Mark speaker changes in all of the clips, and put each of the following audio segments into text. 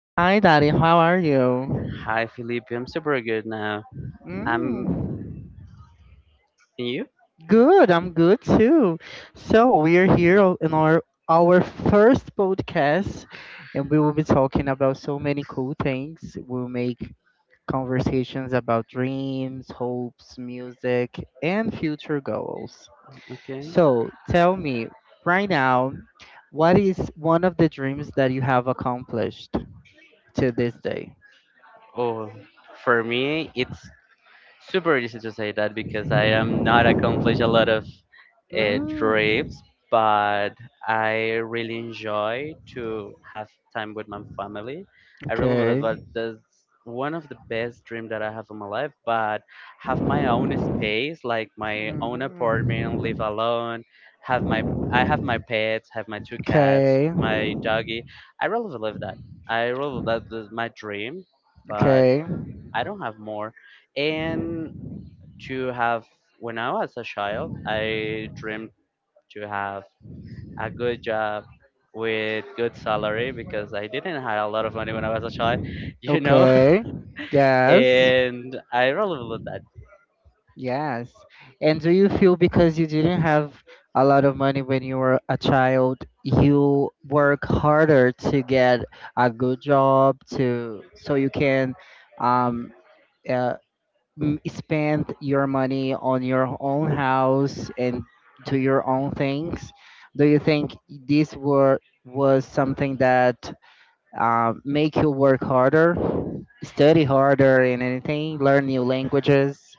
Speaker 1: Hi Daddy, how are you?
Speaker 2: Hi, Felipe. I'm super good now. I'm
Speaker 1: Mm,
Speaker 2: and you?
Speaker 1: good, I'm good too. So we are here in our first podcast, and we will be talking about so many cool things. We'll make conversations about dreams, hopes, music, and future goals.
Speaker 2: Okay.
Speaker 1: So tell me right now, what is one of the dreams that you have accomplished to this day?
Speaker 2: Oh, for me, it's super easy to say that because I am not accomplished a lot of it drips,
Speaker 1: Mm,
Speaker 2: but I really enjoy to have time with my family. I really believe that
Speaker 1: okay.
Speaker 2: that's one of the best dream that I have in my life, but have my own space, like my own apartment, live
Speaker 1: Mm.
Speaker 2: alone, have my pets, have my two cats,
Speaker 1: Okay,
Speaker 2: my doggy. I really believe that. I really believe that is my dream, but
Speaker 1: okay,
Speaker 2: I don't have more. And to have when I was a child, I dreamed to have a good job with good salary because I didn't have a lot of money when I was a child, you know.
Speaker 1: okay. Yes,
Speaker 2: And I really love that.
Speaker 1: yes. And do you feel because you didn't have a lot of money when you were a child, you work harder to get a good job to so you can um uh, spend your money on your own house and do your own things, do you think this were was something that make you work harder, study harder in anything, learn new languages?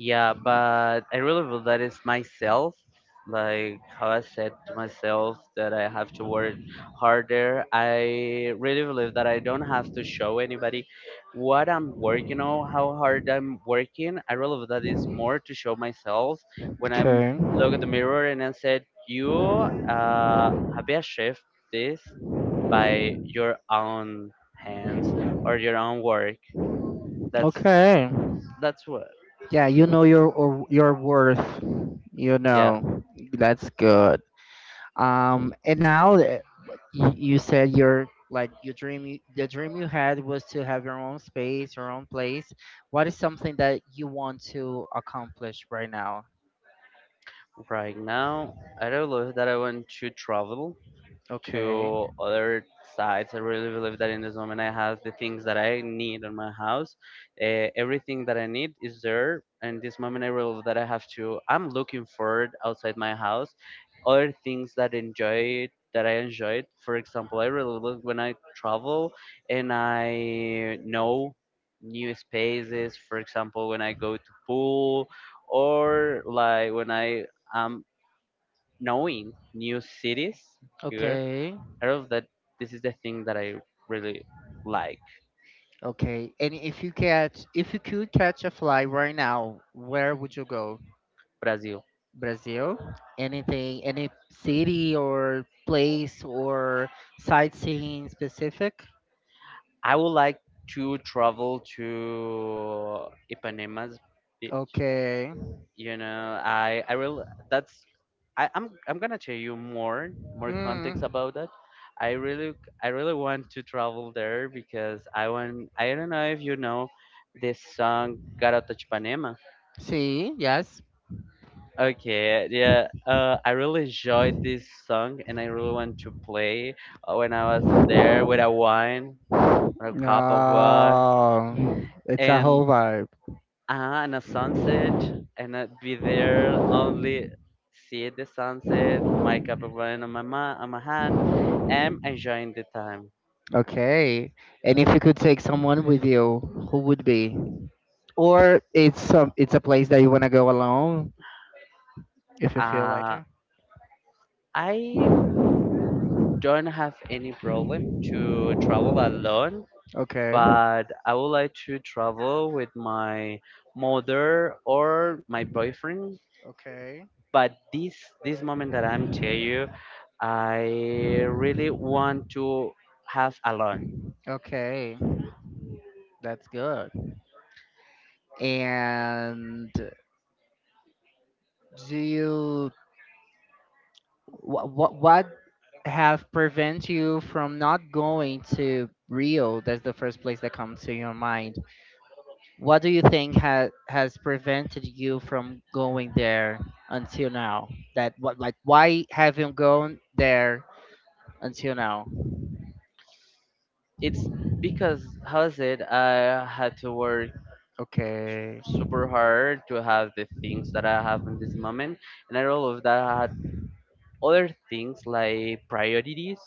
Speaker 2: Yeah, but I really feel that myself. Like how I said to myself that I have to work harder. I really believe that I don't have to show anybody what I'm working on, how hard I'm working. I really believe that is more to show myself when I'm look at
Speaker 1: Okay,
Speaker 2: the mirror and I said, "You uh, have you achieved this by your own hands or your own work." That's
Speaker 1: okay.
Speaker 2: that's what.
Speaker 1: Yeah, you know your or your worth, you
Speaker 2: Yeah.
Speaker 1: know. That's good. And now that you said your like your dream, the dream you had was to have your own space, your own place. What is something that you want to accomplish right now?
Speaker 2: Right now, I don't believe that I want to travel
Speaker 1: Okay,
Speaker 2: to other sides. I really believe that in this moment I have the things that I need in my house. Everything that I need is there. And this moment I realize that I have to, I'm looking for it outside my house. Other things that enjoy that I enjoyed. For example, I really love when I travel and I know new spaces. For example, when I go to pool or like when I am knowing new cities here,
Speaker 1: okay,
Speaker 2: I don't know that this is the thing that I really like.
Speaker 1: okay. And if you catch, if you could catch a fly right now, where would you go?
Speaker 2: Brazil.
Speaker 1: Brazil? Anything, any city or place or sightseeing specific?
Speaker 2: I would like to travel to Ipanema's. bi-
Speaker 1: Okay.
Speaker 2: You know, I will. That's I'm gonna tell you more context
Speaker 1: Mm.
Speaker 2: about that. I really I really want to travel there because I want I don't know if you know this song Garota de Ipanema.
Speaker 1: See, yes.
Speaker 2: Okay, yeah, I really enjoyed this song and I really want to play when I was there with a wine or a cup of water
Speaker 1: Oh, it's a
Speaker 2: and
Speaker 1: whole vibe.
Speaker 2: and a sunset, and I'd be there only see the sunset, my cup of wine on my on my hand, and enjoying the time.
Speaker 1: Okay. And if you could take someone with you, who would be? Or it's some it's a place that you wanna go alone if you feel like
Speaker 2: Uh,
Speaker 1: it.
Speaker 2: I don't have any problem to travel alone,
Speaker 1: Okay.
Speaker 2: but I would like to travel with my mother or my boyfriend.
Speaker 1: Okay.
Speaker 2: But this moment that I'm tell you, I really want to have alone.
Speaker 1: Okay. That's good. And do you what have prevent you from not going to Rio? That's the first place that comes to your mind. What do you think has prevented you from going there until now? That what like why have you gone there until now?
Speaker 2: It's because how is it? I had to work
Speaker 1: Okay.
Speaker 2: super hard to have the things that I have in this moment, and out of that, I other things like priorities.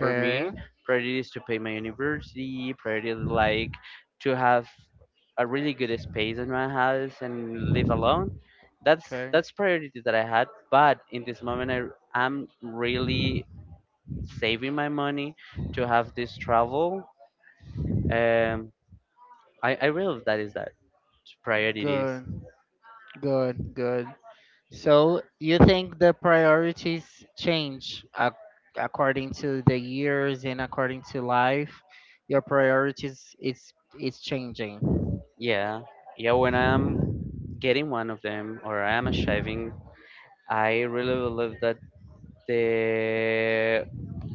Speaker 2: For me, priorities to pay my university, priority like to have a really good space in my house and live alone. that's
Speaker 1: Okay.
Speaker 2: that's priority that I had, but in this moment I am really saving my money to have this travel. um I really that is that priorities.
Speaker 1: Good. Good. Good. So you think the priorities change according to the years and according to life? Your priorities is changing.
Speaker 2: Yeah, yeah, when I'm getting one of them or I am achieving, I really believe that the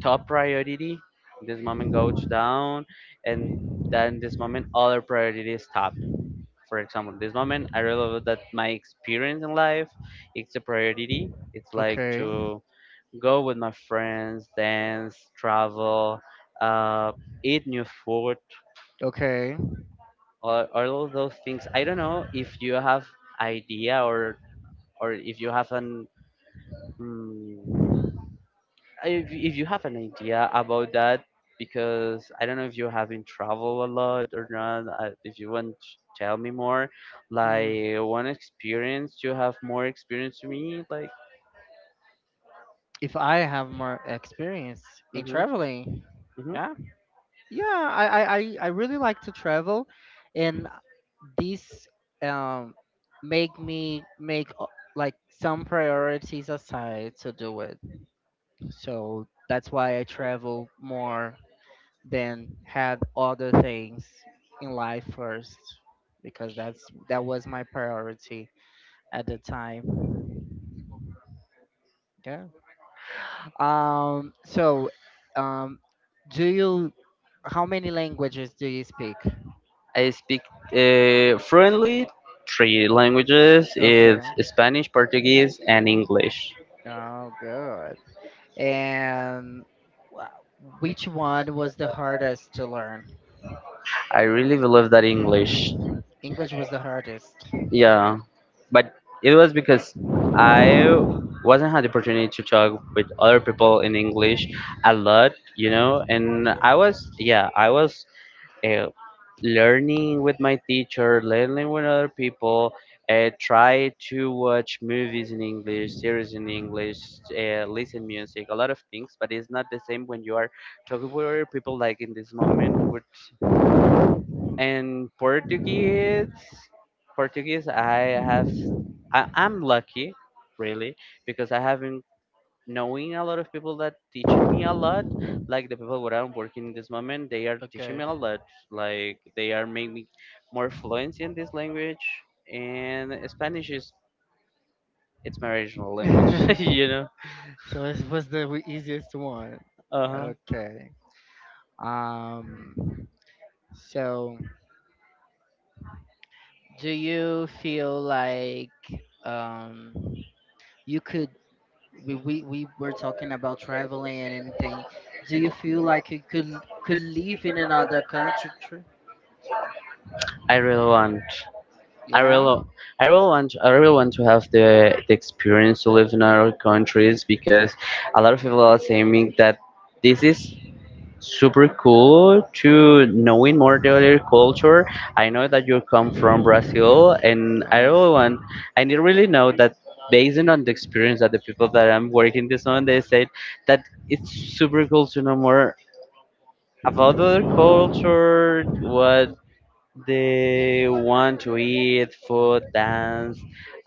Speaker 2: top priority this moment goes down, and then this moment other priorities top. For example, this moment I realize that my experience in life it's a priority. It's like
Speaker 1: Okay.
Speaker 2: to go with my friends, dance, travel, uh, eat new food.
Speaker 1: Okay.
Speaker 2: All of those things, I don't know if you have idea or if you have an mm if you have an idea about that, because I don't know if you have been travel a lot or not. If you want to tell me more,
Speaker 1: Hmm.
Speaker 2: like one experience, you have more experience to me like
Speaker 1: If I have more experience in
Speaker 2: hmm
Speaker 1: traveling,
Speaker 2: hmm
Speaker 1: yeah, yeah, I really like to travel, and these um make me make like some priorities aside to do it. So that's why I travel more than had other things in life first because that's that was my priority at the time. Yeah. So um do you how many languages do you speak?
Speaker 2: I speak fluently three languages is
Speaker 1: Okay.
Speaker 2: spanish, portuguese and english.
Speaker 1: Oh good. And which one was the hardest to learn?
Speaker 2: I really believe that english.
Speaker 1: English was the hardest.
Speaker 2: Yeah, but it was because I wasn't had the opportunity to talk with other people in English a lot, you know, and I was yeah, I was uh, learning with my teacher, learning with other people. Try to watch movies in English, series in English, listen music, a lot of things, but it's not the same when you are talking with other people like in this moment. With and Portuguese, I have I'm lucky, really, because I haven't knowing a lot of people that teaching me a lot. Like the people where I'm working in this moment, they are teaching me
Speaker 1: Okay.
Speaker 2: a lot. Like they are making me more fluent in this language, and Spanish is it's my original language, you know.
Speaker 1: So this was the easiest one.
Speaker 2: Uh-huh.
Speaker 1: Okay. Um. So, do you feel like um you could we were talking about traveling and anything. Do you feel like you could live in another country?
Speaker 2: I really want. I
Speaker 1: Yeah.
Speaker 2: really. I really want. I really want to have the experience to live in other countries because a lot of people are saying that this is super cool to knowing more the other culture. I know that you come from Brazil, and I
Speaker 1: Yes.
Speaker 2: really want, and you really know that based on the experience that the people that I'm working this on, they said that it's super cool to know more about the other culture, what they want to eat, food, dance,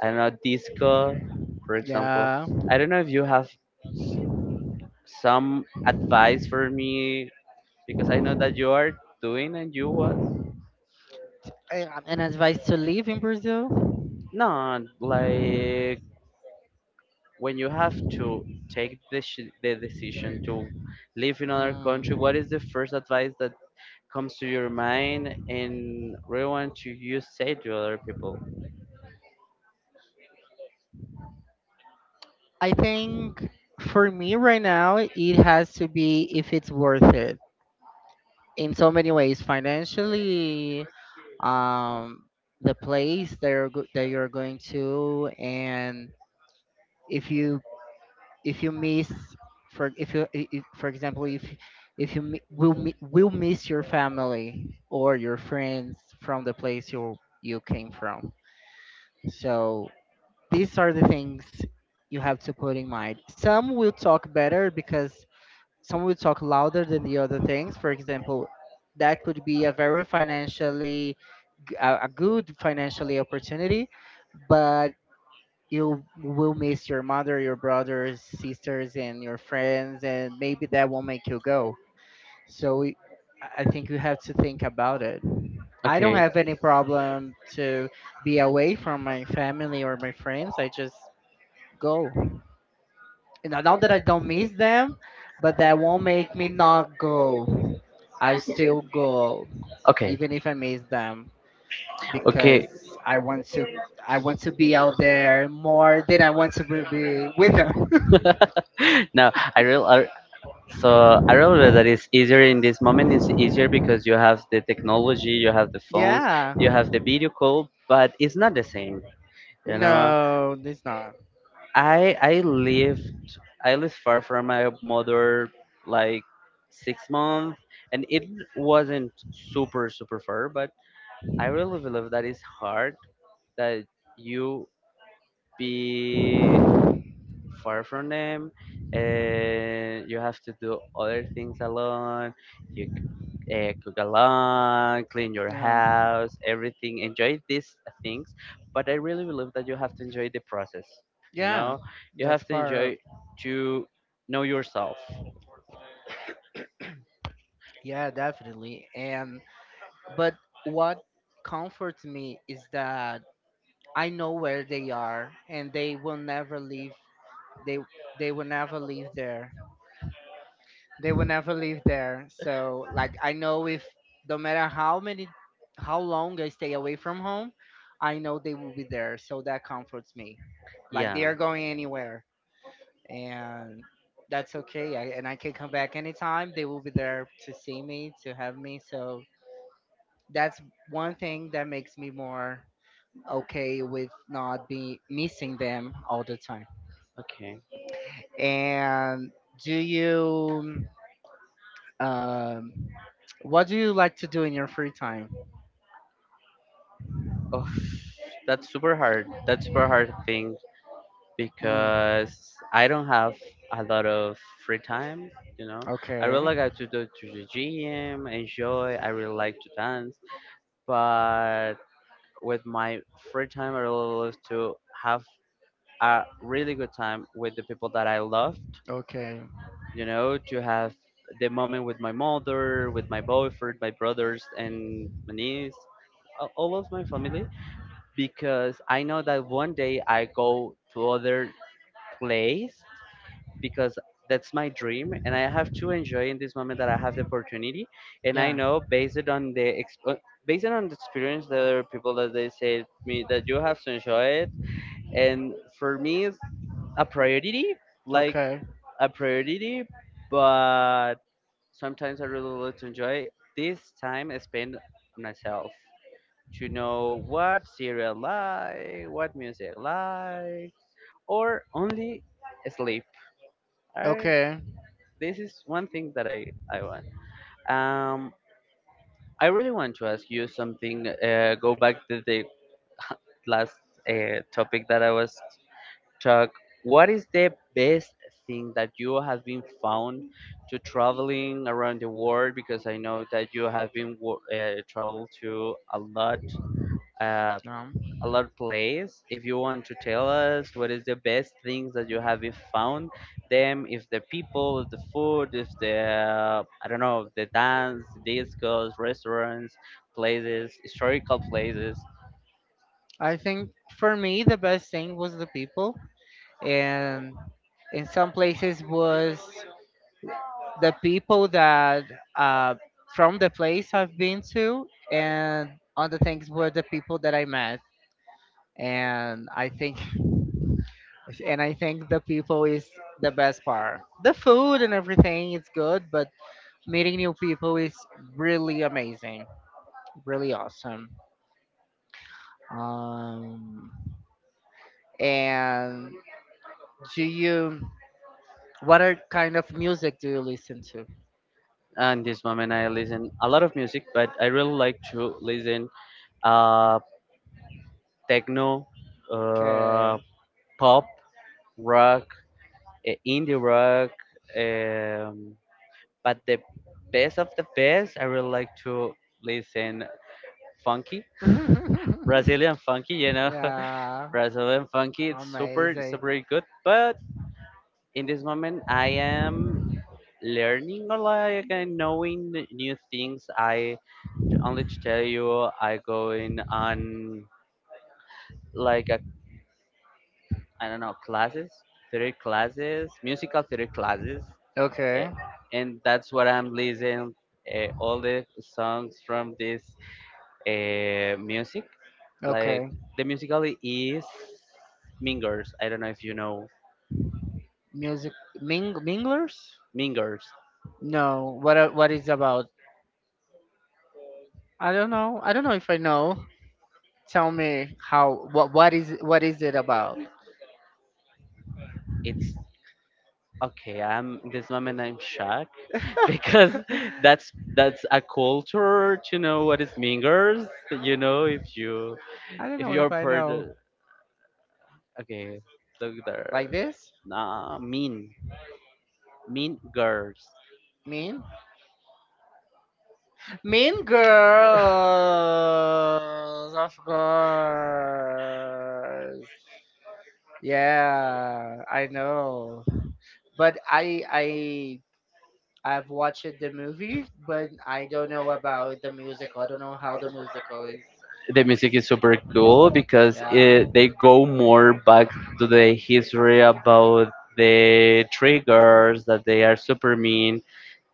Speaker 2: I don't know, disco, for example.
Speaker 1: Yeah.
Speaker 2: I don't know if you have some advice for me because I know that you are doing and you was.
Speaker 1: An advice to live in Brazil?
Speaker 2: Not like when you have to take the decision to live in another country, what
Speaker 1: Mm.
Speaker 2: is the first advice that comes to your mind and really want to you say to other people?
Speaker 1: I think for me right now, it has to be if it's worth it in so many ways. Financially, um, the place that you're, that you're going to, and if you if you miss for if you if, for example, if you will miss your family or your friends from the place you you came from. So these are the things you have to put in mind. Some will talk better because some will talk louder than the other things. For example, that could be a very financially a good financially opportunity, but you will miss your mother, your brothers, sisters, and your friends, and maybe that will not make you go. So y- I think you have to think about it. I don't
Speaker 2: Okay,
Speaker 1: have any problem to be away from my family or my friends. I just go. You know, not that I don't miss them, but that won't make me not go. I still go,
Speaker 2: okay,
Speaker 1: even if I miss them
Speaker 2: okay.
Speaker 1: because I want to I want to be out there more than I want to be with them.
Speaker 2: No, I really, I, so I realize that it's easier in this moment. It's easier because you have the technology, you have the phones,
Speaker 1: Yeah.
Speaker 2: you have the video call, but it's not the same. You know,
Speaker 1: No, it's not.
Speaker 2: I I lived I lived far from my mother like 6 months, and it wasn't super far. But I really believe that it's hard that you be far from them, and you have to do other things alone. You cook a lawn, clean your
Speaker 1: No.
Speaker 2: house, everything. Enjoy these things, but I really believe that you have to enjoy the process. You
Speaker 1: Yeah.
Speaker 2: know, you
Speaker 1: That's
Speaker 2: have to
Speaker 1: part of.
Speaker 2: enjoy to know yourself.
Speaker 1: Yeah, definitely. And but what comforts me is that I know where they are and they they will never leave there, they will never live there. So like I know if no matter how many how long I stay away from home, I know they will be there. So that comforts me. Like
Speaker 2: Yeah.
Speaker 1: they are going anywhere and that's okay. I, and I can come back anytime. They will be there to see me, to have me. So that's one thing that makes me more okay with not be missing them all the time.
Speaker 2: Okay.
Speaker 1: And do you um what do you like to do in your free time?
Speaker 2: Oh, that's super hard. That's super hard thing
Speaker 1: Mm,
Speaker 2: because I don't have a lot of free time. You know, I
Speaker 1: okay,
Speaker 2: really like to go to the gym, enjoy. I really like to dance, but with my free time, I really love to have a really good time with the people that I loved,
Speaker 1: okay.
Speaker 2: you know, to have the moment with my mother, with my boyfriend, my brothers, and my niece, all of my family, because I know that one day I go to other place because that's my dream and I have to enjoy in this moment that I have the opportunity, and I
Speaker 1: Yeah.
Speaker 2: know based on the based on the experience the other people that they said me that you have to enjoy it, and for me it's a priority, like
Speaker 1: Okay,
Speaker 2: a priority, but sometimes I really love to enjoy this time I spend on myself, to know what serial like what music like or only sleep. I,
Speaker 1: okay.
Speaker 2: this is one thing that i want. um I really want to ask you something. Go back to the last topic that I was talk. What is the best thing that you have been found to traveling around the world? Because I know that you have been traveled to uh,
Speaker 1: Um,
Speaker 2: a lot place. If you want to tell us what is the best things that you have been found them, if the people, if the food, if the I don't know, the dance, discos, restaurants, places, historical places.
Speaker 1: I think for me the best thing was the people, and in some places was the people that uh, from the place I've been to, and other things were the people that I met. And I think, and I think the people is the best part. The food and everything is good, but meeting new people is really amazing, really awesome. Um, and do you? What are kind of music do you listen to?
Speaker 2: And this moment, I listen a lot of music, but I really like to listen uh, techno, uh,
Speaker 1: Okay.
Speaker 2: pop, rock, indie rock. Um, but the best of the best, I really like to listen funky, Brazilian funky. You know,
Speaker 1: Yeah.
Speaker 2: Brazilian funky. It's super,
Speaker 1: Amazing.
Speaker 2: super good. But in this moment, I am learning a lot and knowing new things. I only to tell you, I going on like a I don't know, classes, theory classes, musical theory classes. eh,
Speaker 1: Okay.
Speaker 2: And that's what I'm listening all the songs from this music. Like
Speaker 1: Okay.
Speaker 2: the musical is Mingers. I don't know if you know
Speaker 1: Music ming minglers?
Speaker 2: Mingers.
Speaker 1: No. What what is about? I don't know. I don't know if I know. Tell me how what is what is it about?
Speaker 2: It's okay. I'm this moment. I'm shocked because that's a culture to know what is Mingers. You know if you
Speaker 1: I don't
Speaker 2: if
Speaker 1: know
Speaker 2: you're
Speaker 1: if I
Speaker 2: part.
Speaker 1: know.
Speaker 2: Of- Okay, look
Speaker 1: Like
Speaker 2: there.
Speaker 1: this?
Speaker 2: Nah, mean. Mean Girls.
Speaker 1: Mean? Mean girls, of course. Yeah, I know. But I I've watched the movie, but I don't know about the musical. I don't know how the musical is.
Speaker 2: The music is super cool because
Speaker 1: Yeah.
Speaker 2: it, they go more back to the history about the three girls that they are super mean,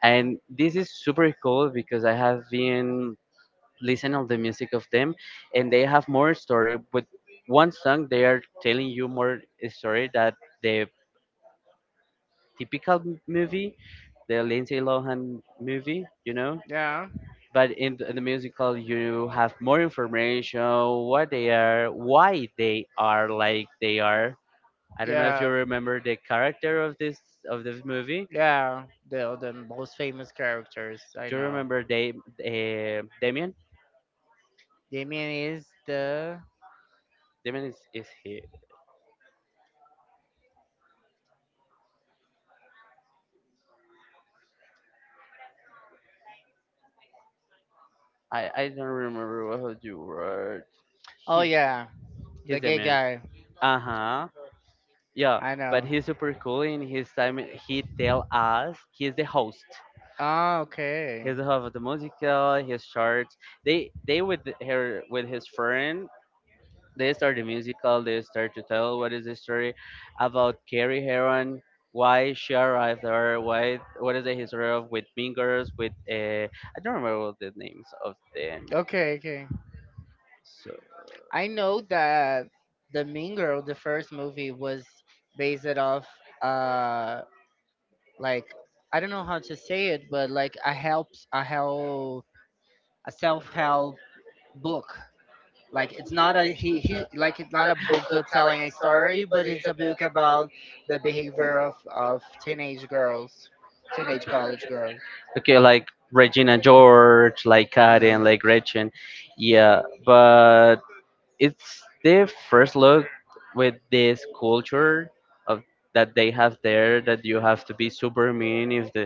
Speaker 2: and this is super cool because I have been listening of the music of them, and they have more story. With one song, they are telling you more story that the typical movie, the Lindsay Lohan movie,
Speaker 1: Yeah.
Speaker 2: but in the musical you have more information, what they are, why they are like they are. I don't know if you
Speaker 1: Yeah.
Speaker 2: remember the character of this movie.
Speaker 1: Yeah. The most famous characters. I
Speaker 2: Do you
Speaker 1: know.
Speaker 2: remember they, Damien?
Speaker 1: Damien is the
Speaker 2: Damien is he. I don't remember what you were.
Speaker 1: Oh
Speaker 2: he's
Speaker 1: yeah, the
Speaker 2: he's
Speaker 1: gay
Speaker 2: Damien
Speaker 1: guy.
Speaker 2: guy. Uh-huh. Yeah.
Speaker 1: I
Speaker 2: But
Speaker 1: know.
Speaker 2: he's super cool. In his time, he tell us he's the host,
Speaker 1: Ah, okay.
Speaker 2: his of the musical, his charts. They with her with his friend. They start the musical. They start to tell what is the story about Carrie Heron, why she arrived there, why, what is the history of, with Mean Girls, with I don't remember all the names of them.
Speaker 1: Okay, okay.
Speaker 2: So
Speaker 1: I know that the Mean Girl, the first movie, was based it off uh like I don't know how to say it, but like a helps a help a self help book. Like it's not a he like it's not a book of telling a story, but it's a book about the behavior of teenage girls, teenage college girls.
Speaker 2: okay, like Regina George, like
Speaker 1: Um,
Speaker 2: Karen, like Gretchen, yeah. It's the first look with this culture of that they have there, that you have to be super mean. If the,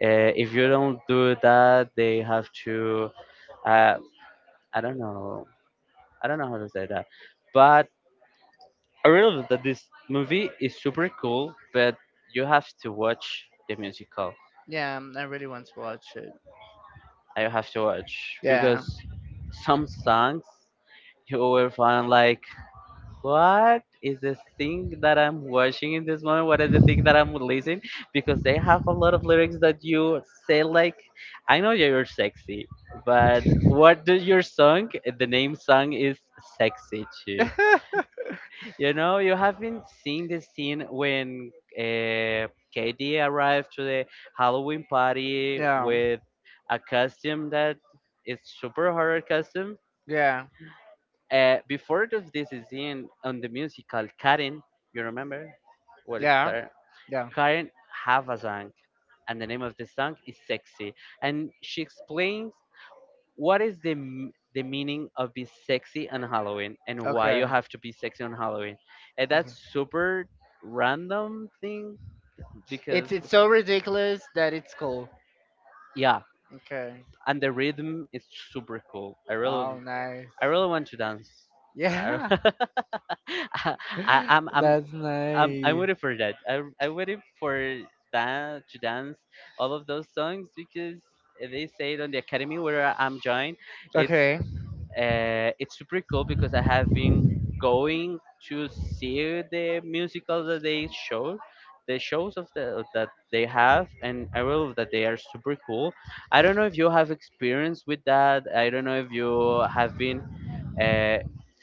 Speaker 2: if you don't do that, they have to, uh, I don't know. I don't know how to say that, but I really love that. This movie is super cool, but you have to watch the musical.
Speaker 1: yeah, I really want to watch it.
Speaker 2: I have to watch
Speaker 1: Yeah.
Speaker 2: because some songs you will find like, what is the thing that I'm watching in this moment? What is the thing that I'm listening? Because they have a lot of lyrics that you say like, I know you're sexy, but what does your song? The name song is sexy too. You know, you haven't seen the scene when, uh, Katie arrived to the Halloween party
Speaker 1: yeah.
Speaker 2: with a costume that is super horror costume.
Speaker 1: Yeah.
Speaker 2: Before this is in on the musical Karen. You remember what is
Speaker 1: Yeah.
Speaker 2: Karen?
Speaker 1: Yeah.
Speaker 2: Karen have a song, and the name of the song is "Sexy," and she explains what is the the meaning of being sexy on Halloween and why you
Speaker 1: Okay.
Speaker 2: have to be sexy on Halloween. And that's
Speaker 1: Mhm.
Speaker 2: super random thing because,
Speaker 1: It's so ridiculous that it's cool.
Speaker 2: yeah,
Speaker 1: Okay.
Speaker 2: and the rhythm is super cool. I really,
Speaker 1: Oh, nice.
Speaker 2: I really want to dance. I,
Speaker 1: Yeah.
Speaker 2: I, I'm, I'm
Speaker 1: That's
Speaker 2: I'm
Speaker 1: nice.
Speaker 2: waiting for that. I'm waiting for that to dance all of those songs because they say it on the academy where I'm joined. It's
Speaker 1: Okay.
Speaker 2: it's super cool because I have been going to see the musicals that they show, the shows of the that they have, and I will that they are super cool. I don't know if you have experience with that. I don't know if you have been, uh,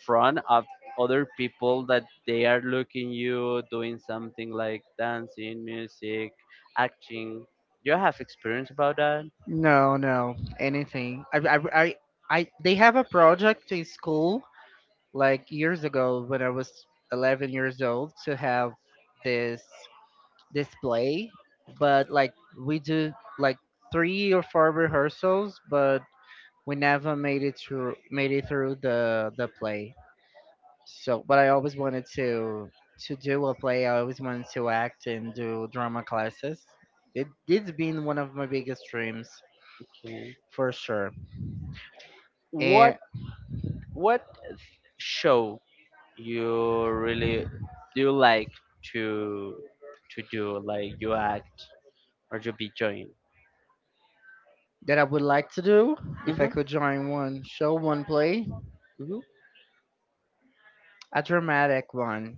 Speaker 2: front of other people that they are looking you doing something like dancing, music, acting. Do you have experience about that?
Speaker 1: No, no, anything. They have a project in school like years ago when I was 11 years old to have this display, but like we do like three or four rehearsals, but we never made it through made it through the play. So, but I always wanted to do a play. I always wanted to act and do drama classes. It it's been one of my biggest dreams
Speaker 2: Okay.
Speaker 1: for sure,
Speaker 2: What
Speaker 1: and
Speaker 2: what show you really do you like to to do? Like you act or to be joined?
Speaker 1: that I would like to do if
Speaker 2: Mm-hmm.
Speaker 1: I could join one show, one play,
Speaker 2: Mm-hmm.
Speaker 1: a dramatic one.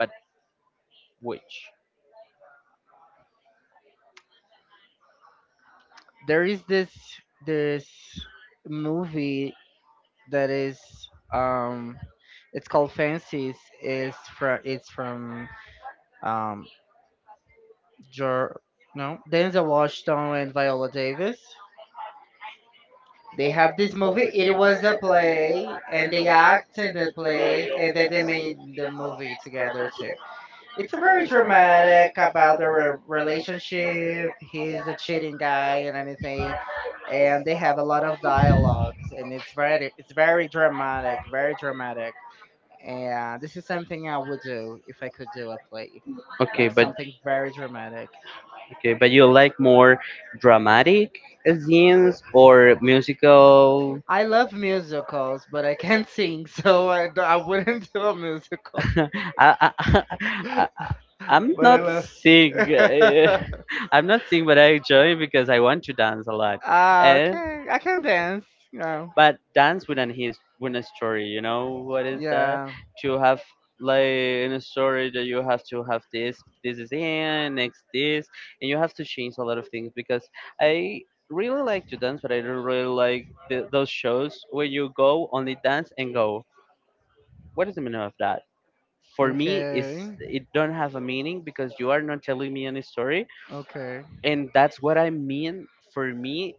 Speaker 2: But which?
Speaker 1: There is this movie that is um it's called Fences. Is from it's from um Jor no Denzel Washington and Viola Davis. They have this movie. It was a play, and they act in the play, and then they made the movie together too. It's a very dramatic about their relationship. He's a cheating guy and anything, and they have a lot of dialogues, and it's very dramatic, very dramatic, and this is something I would do if I could do a play,
Speaker 2: Okay,
Speaker 1: like
Speaker 2: but
Speaker 1: something very dramatic.
Speaker 2: you like more dramatic scenes or musical?
Speaker 1: I love musicals, but I can't sing, so I wouldn't do a musical.
Speaker 2: I, I, I I'm
Speaker 1: But I
Speaker 2: not
Speaker 1: love.
Speaker 2: sick. I'm not sick, but I enjoy because I want to dance a lot.
Speaker 1: Ah,
Speaker 2: And
Speaker 1: okay, I can dance. No,
Speaker 2: but dance with an his with a story. You know what is that?
Speaker 1: yeah,
Speaker 2: To have like in a story that you have to have this, this is here, next this, and you have to change a lot of things because I really like to dance, but I don't really like the, those shows where you go only dance and go. What is the meaning of that? For me is
Speaker 1: okay,
Speaker 2: it don't have a meaning because you are not telling me any story,
Speaker 1: okay,
Speaker 2: and that's what I mean. For me,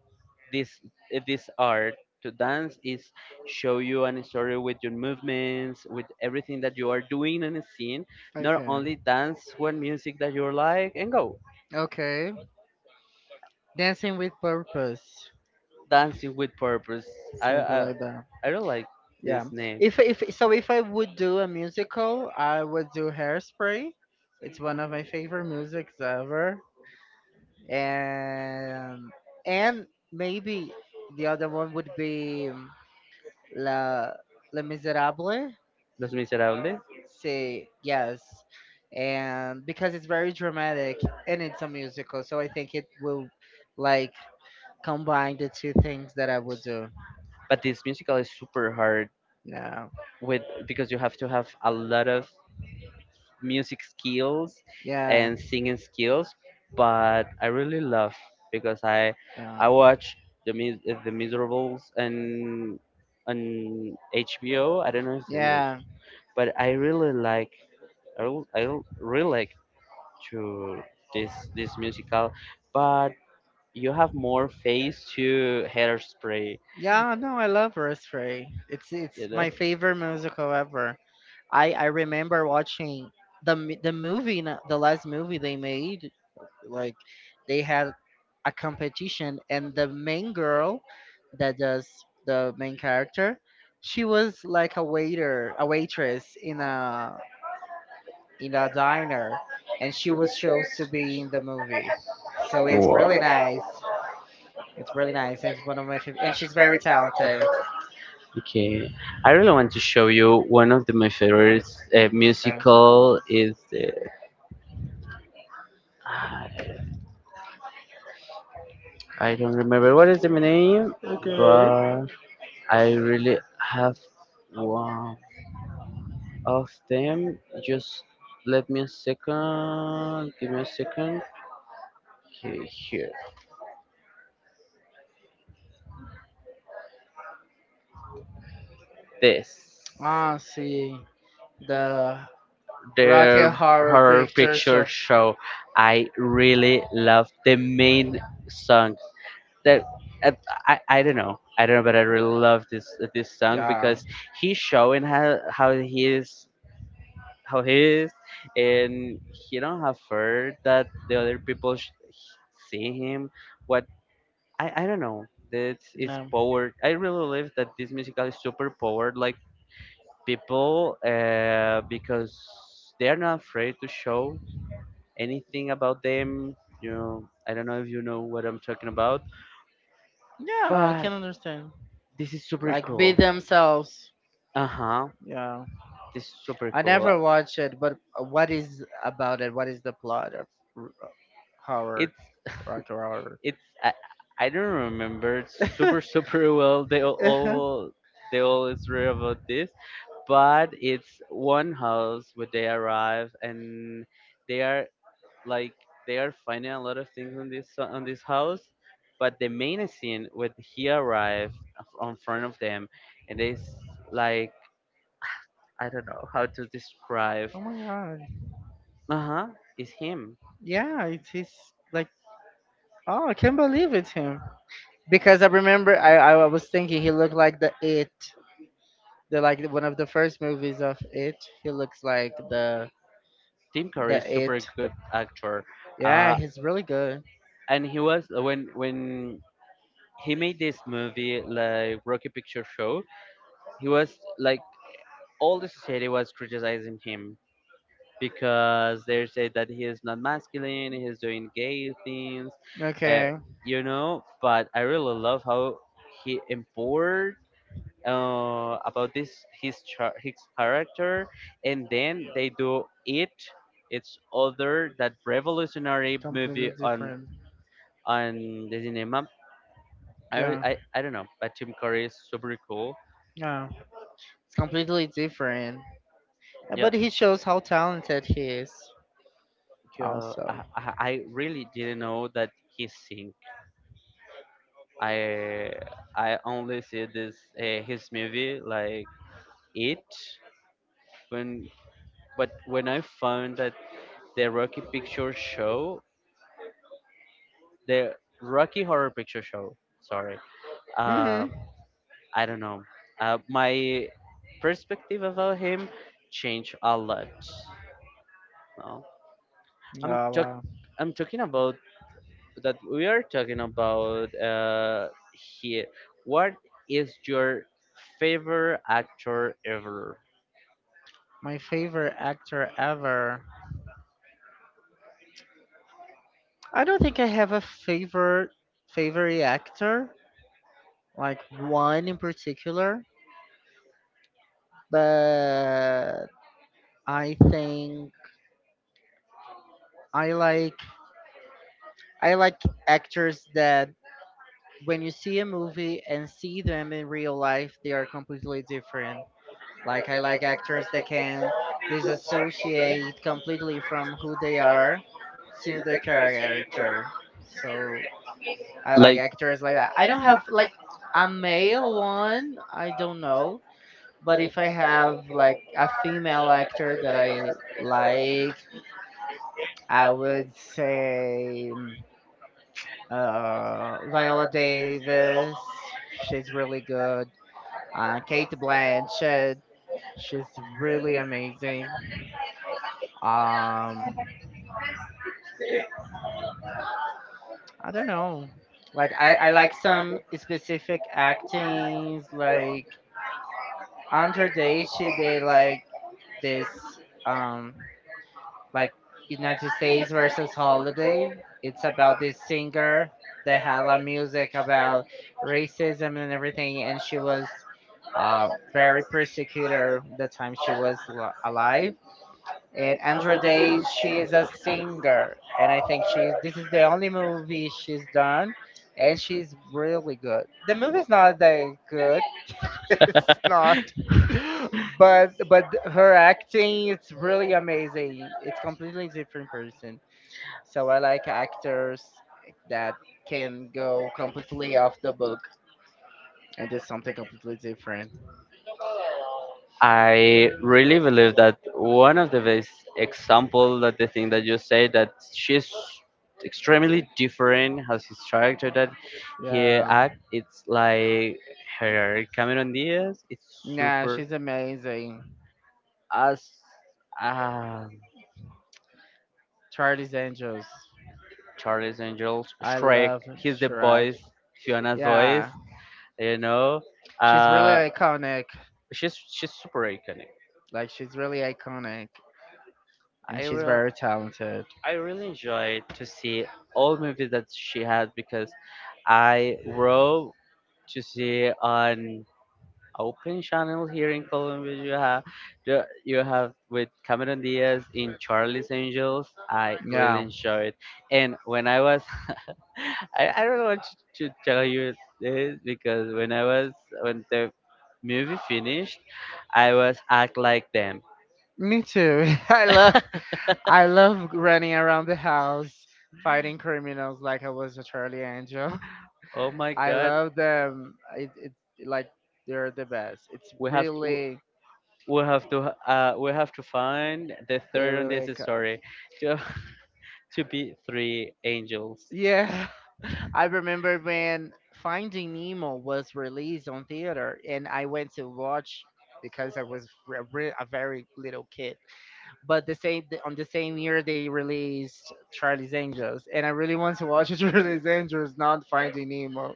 Speaker 2: this art to dance is show you any story with your movements, with everything that you are doing in a scene, not
Speaker 1: okay,
Speaker 2: only dance one music that you like and go.
Speaker 1: okay. Dancing with purpose,
Speaker 2: Dancing with purpose. i
Speaker 1: something
Speaker 2: i,
Speaker 1: like that.
Speaker 2: I don't like this
Speaker 1: Yeah.
Speaker 2: name.
Speaker 1: If so if I would do a musical, I would do Hairspray. It's one of my favorite musics ever. And and maybe the other one would be La La Miserable.
Speaker 2: Los Miserables,
Speaker 1: Say yes. And because it's very dramatic and it's a musical, so I think it will like combine the two things that I would do.
Speaker 2: but this musical is super hard
Speaker 1: Yeah.
Speaker 2: with because you have to have a lot of music skills
Speaker 1: Yeah.
Speaker 2: and singing skills, but I really love because I
Speaker 1: Yeah.
Speaker 2: watch the the Miserables and on HBO, I don't know if it is,
Speaker 1: Yeah.
Speaker 2: but I really like. i, rel- I rel- really like to this musical, but you have more face to Hairspray,
Speaker 1: Yeah, no, I love Earth Ray. It's
Speaker 2: you know.
Speaker 1: my favorite musical ever. I remember watching the movie, the last movie they made. Like they had a competition, and the main girl that does the main character, she was like a waiter, a waitress in a diner, and she was chose to be in the movie. So it's
Speaker 2: Wow.
Speaker 1: really nice. It's really nice. It's one of my favorite, and she's very talented.
Speaker 2: Okay, I really want to show you one of the, my favorite
Speaker 1: Okay.
Speaker 2: musical is the, I don't remember what is the name,
Speaker 1: Okay.
Speaker 2: but I really have one of them. Just let me a second. Give me a second. Okay, here. This
Speaker 1: Ah, see the Rocky
Speaker 2: their
Speaker 1: Horror pictures of.
Speaker 2: show. I really love the main song. That I, I don't know. I don't know, but I really love this song
Speaker 1: Yeah.
Speaker 2: because he's showing how he is, how he is, and he don't have fear that the other people see him. What? I don't know. It's
Speaker 1: Yeah.
Speaker 2: powered. I really believe that this musical is super powered. Like people, because they are not afraid to show anything about them. You know, I don't know if you know what I'm talking about,
Speaker 1: Yeah, I can
Speaker 2: but
Speaker 1: understand.
Speaker 2: this is super
Speaker 1: Like be
Speaker 2: cool.
Speaker 1: themselves.
Speaker 2: Uh huh.
Speaker 1: Yeah.
Speaker 2: This is super I
Speaker 1: I
Speaker 2: cool.
Speaker 1: never watched it, but what is about it? What is the plot of R- horror,
Speaker 2: It's
Speaker 1: Rocky Horror?
Speaker 2: it's I, I don't remember
Speaker 1: Oh
Speaker 2: super super well. They all read about this, but it's one house where they arrive, and they are like they are finding a lot of things on this house, but the main scene when he arrived on front of them, and it's like, I don't know how to describe.
Speaker 1: my god.
Speaker 2: Uh huh. It's him.
Speaker 1: Yeah, it is like. Oh, I can't believe it's him. Because I remember I was thinking he looked like the it. The like one of the first movies of it. He looks like the
Speaker 2: Tim Curry
Speaker 1: the
Speaker 2: is
Speaker 1: it.
Speaker 2: super good actor.
Speaker 1: Yeah,
Speaker 2: Uh,
Speaker 1: he's really good.
Speaker 2: and he was when he made this movie like Rocky Picture Show, he was like all the society was criticizing him because they said that he is not masculine, he's doing gay things, uh,
Speaker 1: Okay.
Speaker 2: But I really love how he empowered, about this his character, and then they do it. It's other that revolutionary
Speaker 1: Completely
Speaker 2: movie on
Speaker 1: different.
Speaker 2: on the cinema. I,
Speaker 1: Yeah.
Speaker 2: I, I don't know, but Tim Curry is super cool.
Speaker 1: Yeah. It's completely different.
Speaker 2: Yeah,
Speaker 1: But he shows how talented he is
Speaker 2: yeah,
Speaker 1: also.
Speaker 2: I really didn't know that he sing. I I only see this, his movie like it when, but when I found that the Rocky Picture Show, the Rocky Horror Picture Show. Sorry,
Speaker 1: Mm-hmm.
Speaker 2: uh, I don't know. My perspective about him changed a lot. No, I'm
Speaker 1: Oh
Speaker 2: talk
Speaker 1: wow.
Speaker 2: I'm talking about that we are talking about here. What is your favorite actor ever?
Speaker 1: My favorite actor ever. I don't think I have a favorite actor. Like one in particular. But I think I like I like actors that when you see a movie and see them in real life, they are completely different. Like I like actors that can disassociate completely from who they are to the character. So I like
Speaker 2: Like
Speaker 1: actors like that. I don't have like a male one. I don't know. But if I have like a female actor that I like, I would say mm, Viola Davis. She's really good. Kate Blanchett. She's really amazing. Um, I don't know. Like I like some specific actings. Like Andra Day, she did like this. Um, like United States versus Holiday. It's about this singer that had a lot of music about racism and everything, and she was very persecuted the time she was alive. And Andra Day, she is a singer, and I think she's this is the only movie she's done, and she's really good. The movie's not that good, it's not. But her acting is really amazing. It's completely different person. So I like actors that can go completely off the book and do something completely different.
Speaker 2: I really believe that one of the best example that the thing that you say that she's extremely different has his character that her
Speaker 1: Yeah.
Speaker 2: act it's like her Cameron Diaz. It's
Speaker 1: Yeah,
Speaker 2: super
Speaker 1: she's amazing.
Speaker 2: as, uh,
Speaker 1: Charlie's Angels.
Speaker 2: Charles Angels,
Speaker 1: I
Speaker 2: Shrek.
Speaker 1: love
Speaker 2: He's the
Speaker 1: Shrek.
Speaker 2: voice, Fiona's voice.
Speaker 1: Yeah.
Speaker 2: You know,
Speaker 1: She's really
Speaker 2: uh,
Speaker 1: iconic.
Speaker 2: she's super iconic.
Speaker 1: Like she's really iconic and
Speaker 2: I
Speaker 1: she's very
Speaker 2: re-
Speaker 1: talented.
Speaker 2: I really enjoyed to see all movies that she has because I wrote to see on open channels here in Colombia. You have with Cameron Diaz in Charlie's Angels. I really
Speaker 1: Yeah.
Speaker 2: enjoyed, it. And when I was, I don't want to tell you this because when the movie finished, I was act like them.
Speaker 1: Me too. I love running around the house fighting criminals like I was a Charlie Angel.
Speaker 2: Oh my
Speaker 1: I
Speaker 2: God,
Speaker 1: love them. It like they're the best. It's
Speaker 2: we have to.
Speaker 1: really
Speaker 2: We have to find the
Speaker 1: they're
Speaker 2: third on this
Speaker 1: really iconic.
Speaker 2: story to to be three angels.
Speaker 1: Yeah. I remember when Finding Nemo was released on theater and I went to watch because I was a very little kid. But the same on the same year they released Charlie's Angels, and I really want to watch Charlie's Angels, not Finding Nemo.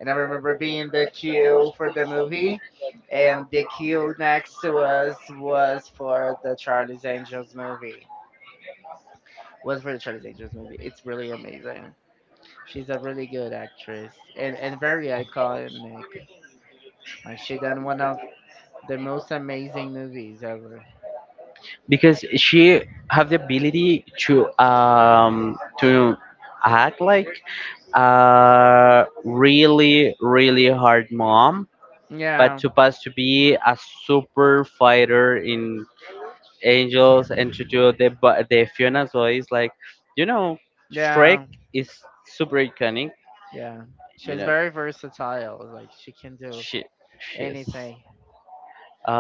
Speaker 1: And I remember being in the queue for the movie, and the queue next to us was for the Charlie's Angels movie. Was for the Charlie's Angels movie. It's really amazing. She's a really good actress and very iconic. Like she done one of the most amazing movies ever.
Speaker 2: Because she have the ability to act like a really really hard mom, but
Speaker 1: Yeah,
Speaker 2: to pass to be a super fighter in angels, and to do the the Fiona Zoe is like, you know Shrek
Speaker 1: yeah.
Speaker 2: is super iconic.
Speaker 1: Yeah,
Speaker 2: you
Speaker 1: she's
Speaker 2: know
Speaker 1: very versatile. Like she can do
Speaker 2: she she's
Speaker 1: anything.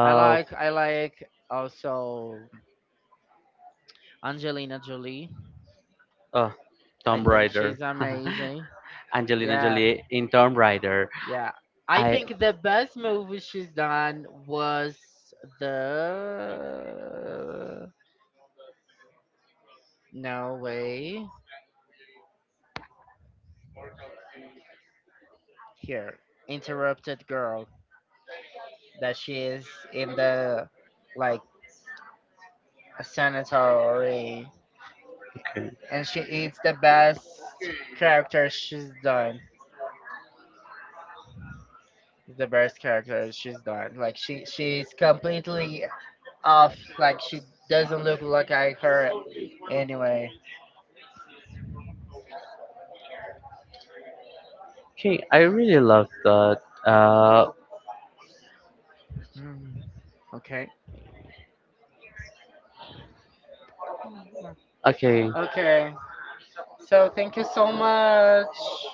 Speaker 1: I like also Angelina Jolie.
Speaker 2: oh,
Speaker 1: I
Speaker 2: Tomb
Speaker 1: think
Speaker 2: Raider.
Speaker 1: she's amazing.
Speaker 2: Angelina
Speaker 1: Yeah,
Speaker 2: Jolie in Tomb Raider.
Speaker 1: yeah. I
Speaker 2: I
Speaker 1: think the best movie she's done was the No Way Here Interrupted Girl that she is in the like a sanitary and she it's character she's done the best character she's done like she's completely off like she doesn't look like I her anyway.
Speaker 2: okay. I really love that. Uh,
Speaker 1: Mm, okay. Mm.
Speaker 2: okay.
Speaker 1: Okay. So thank you so much.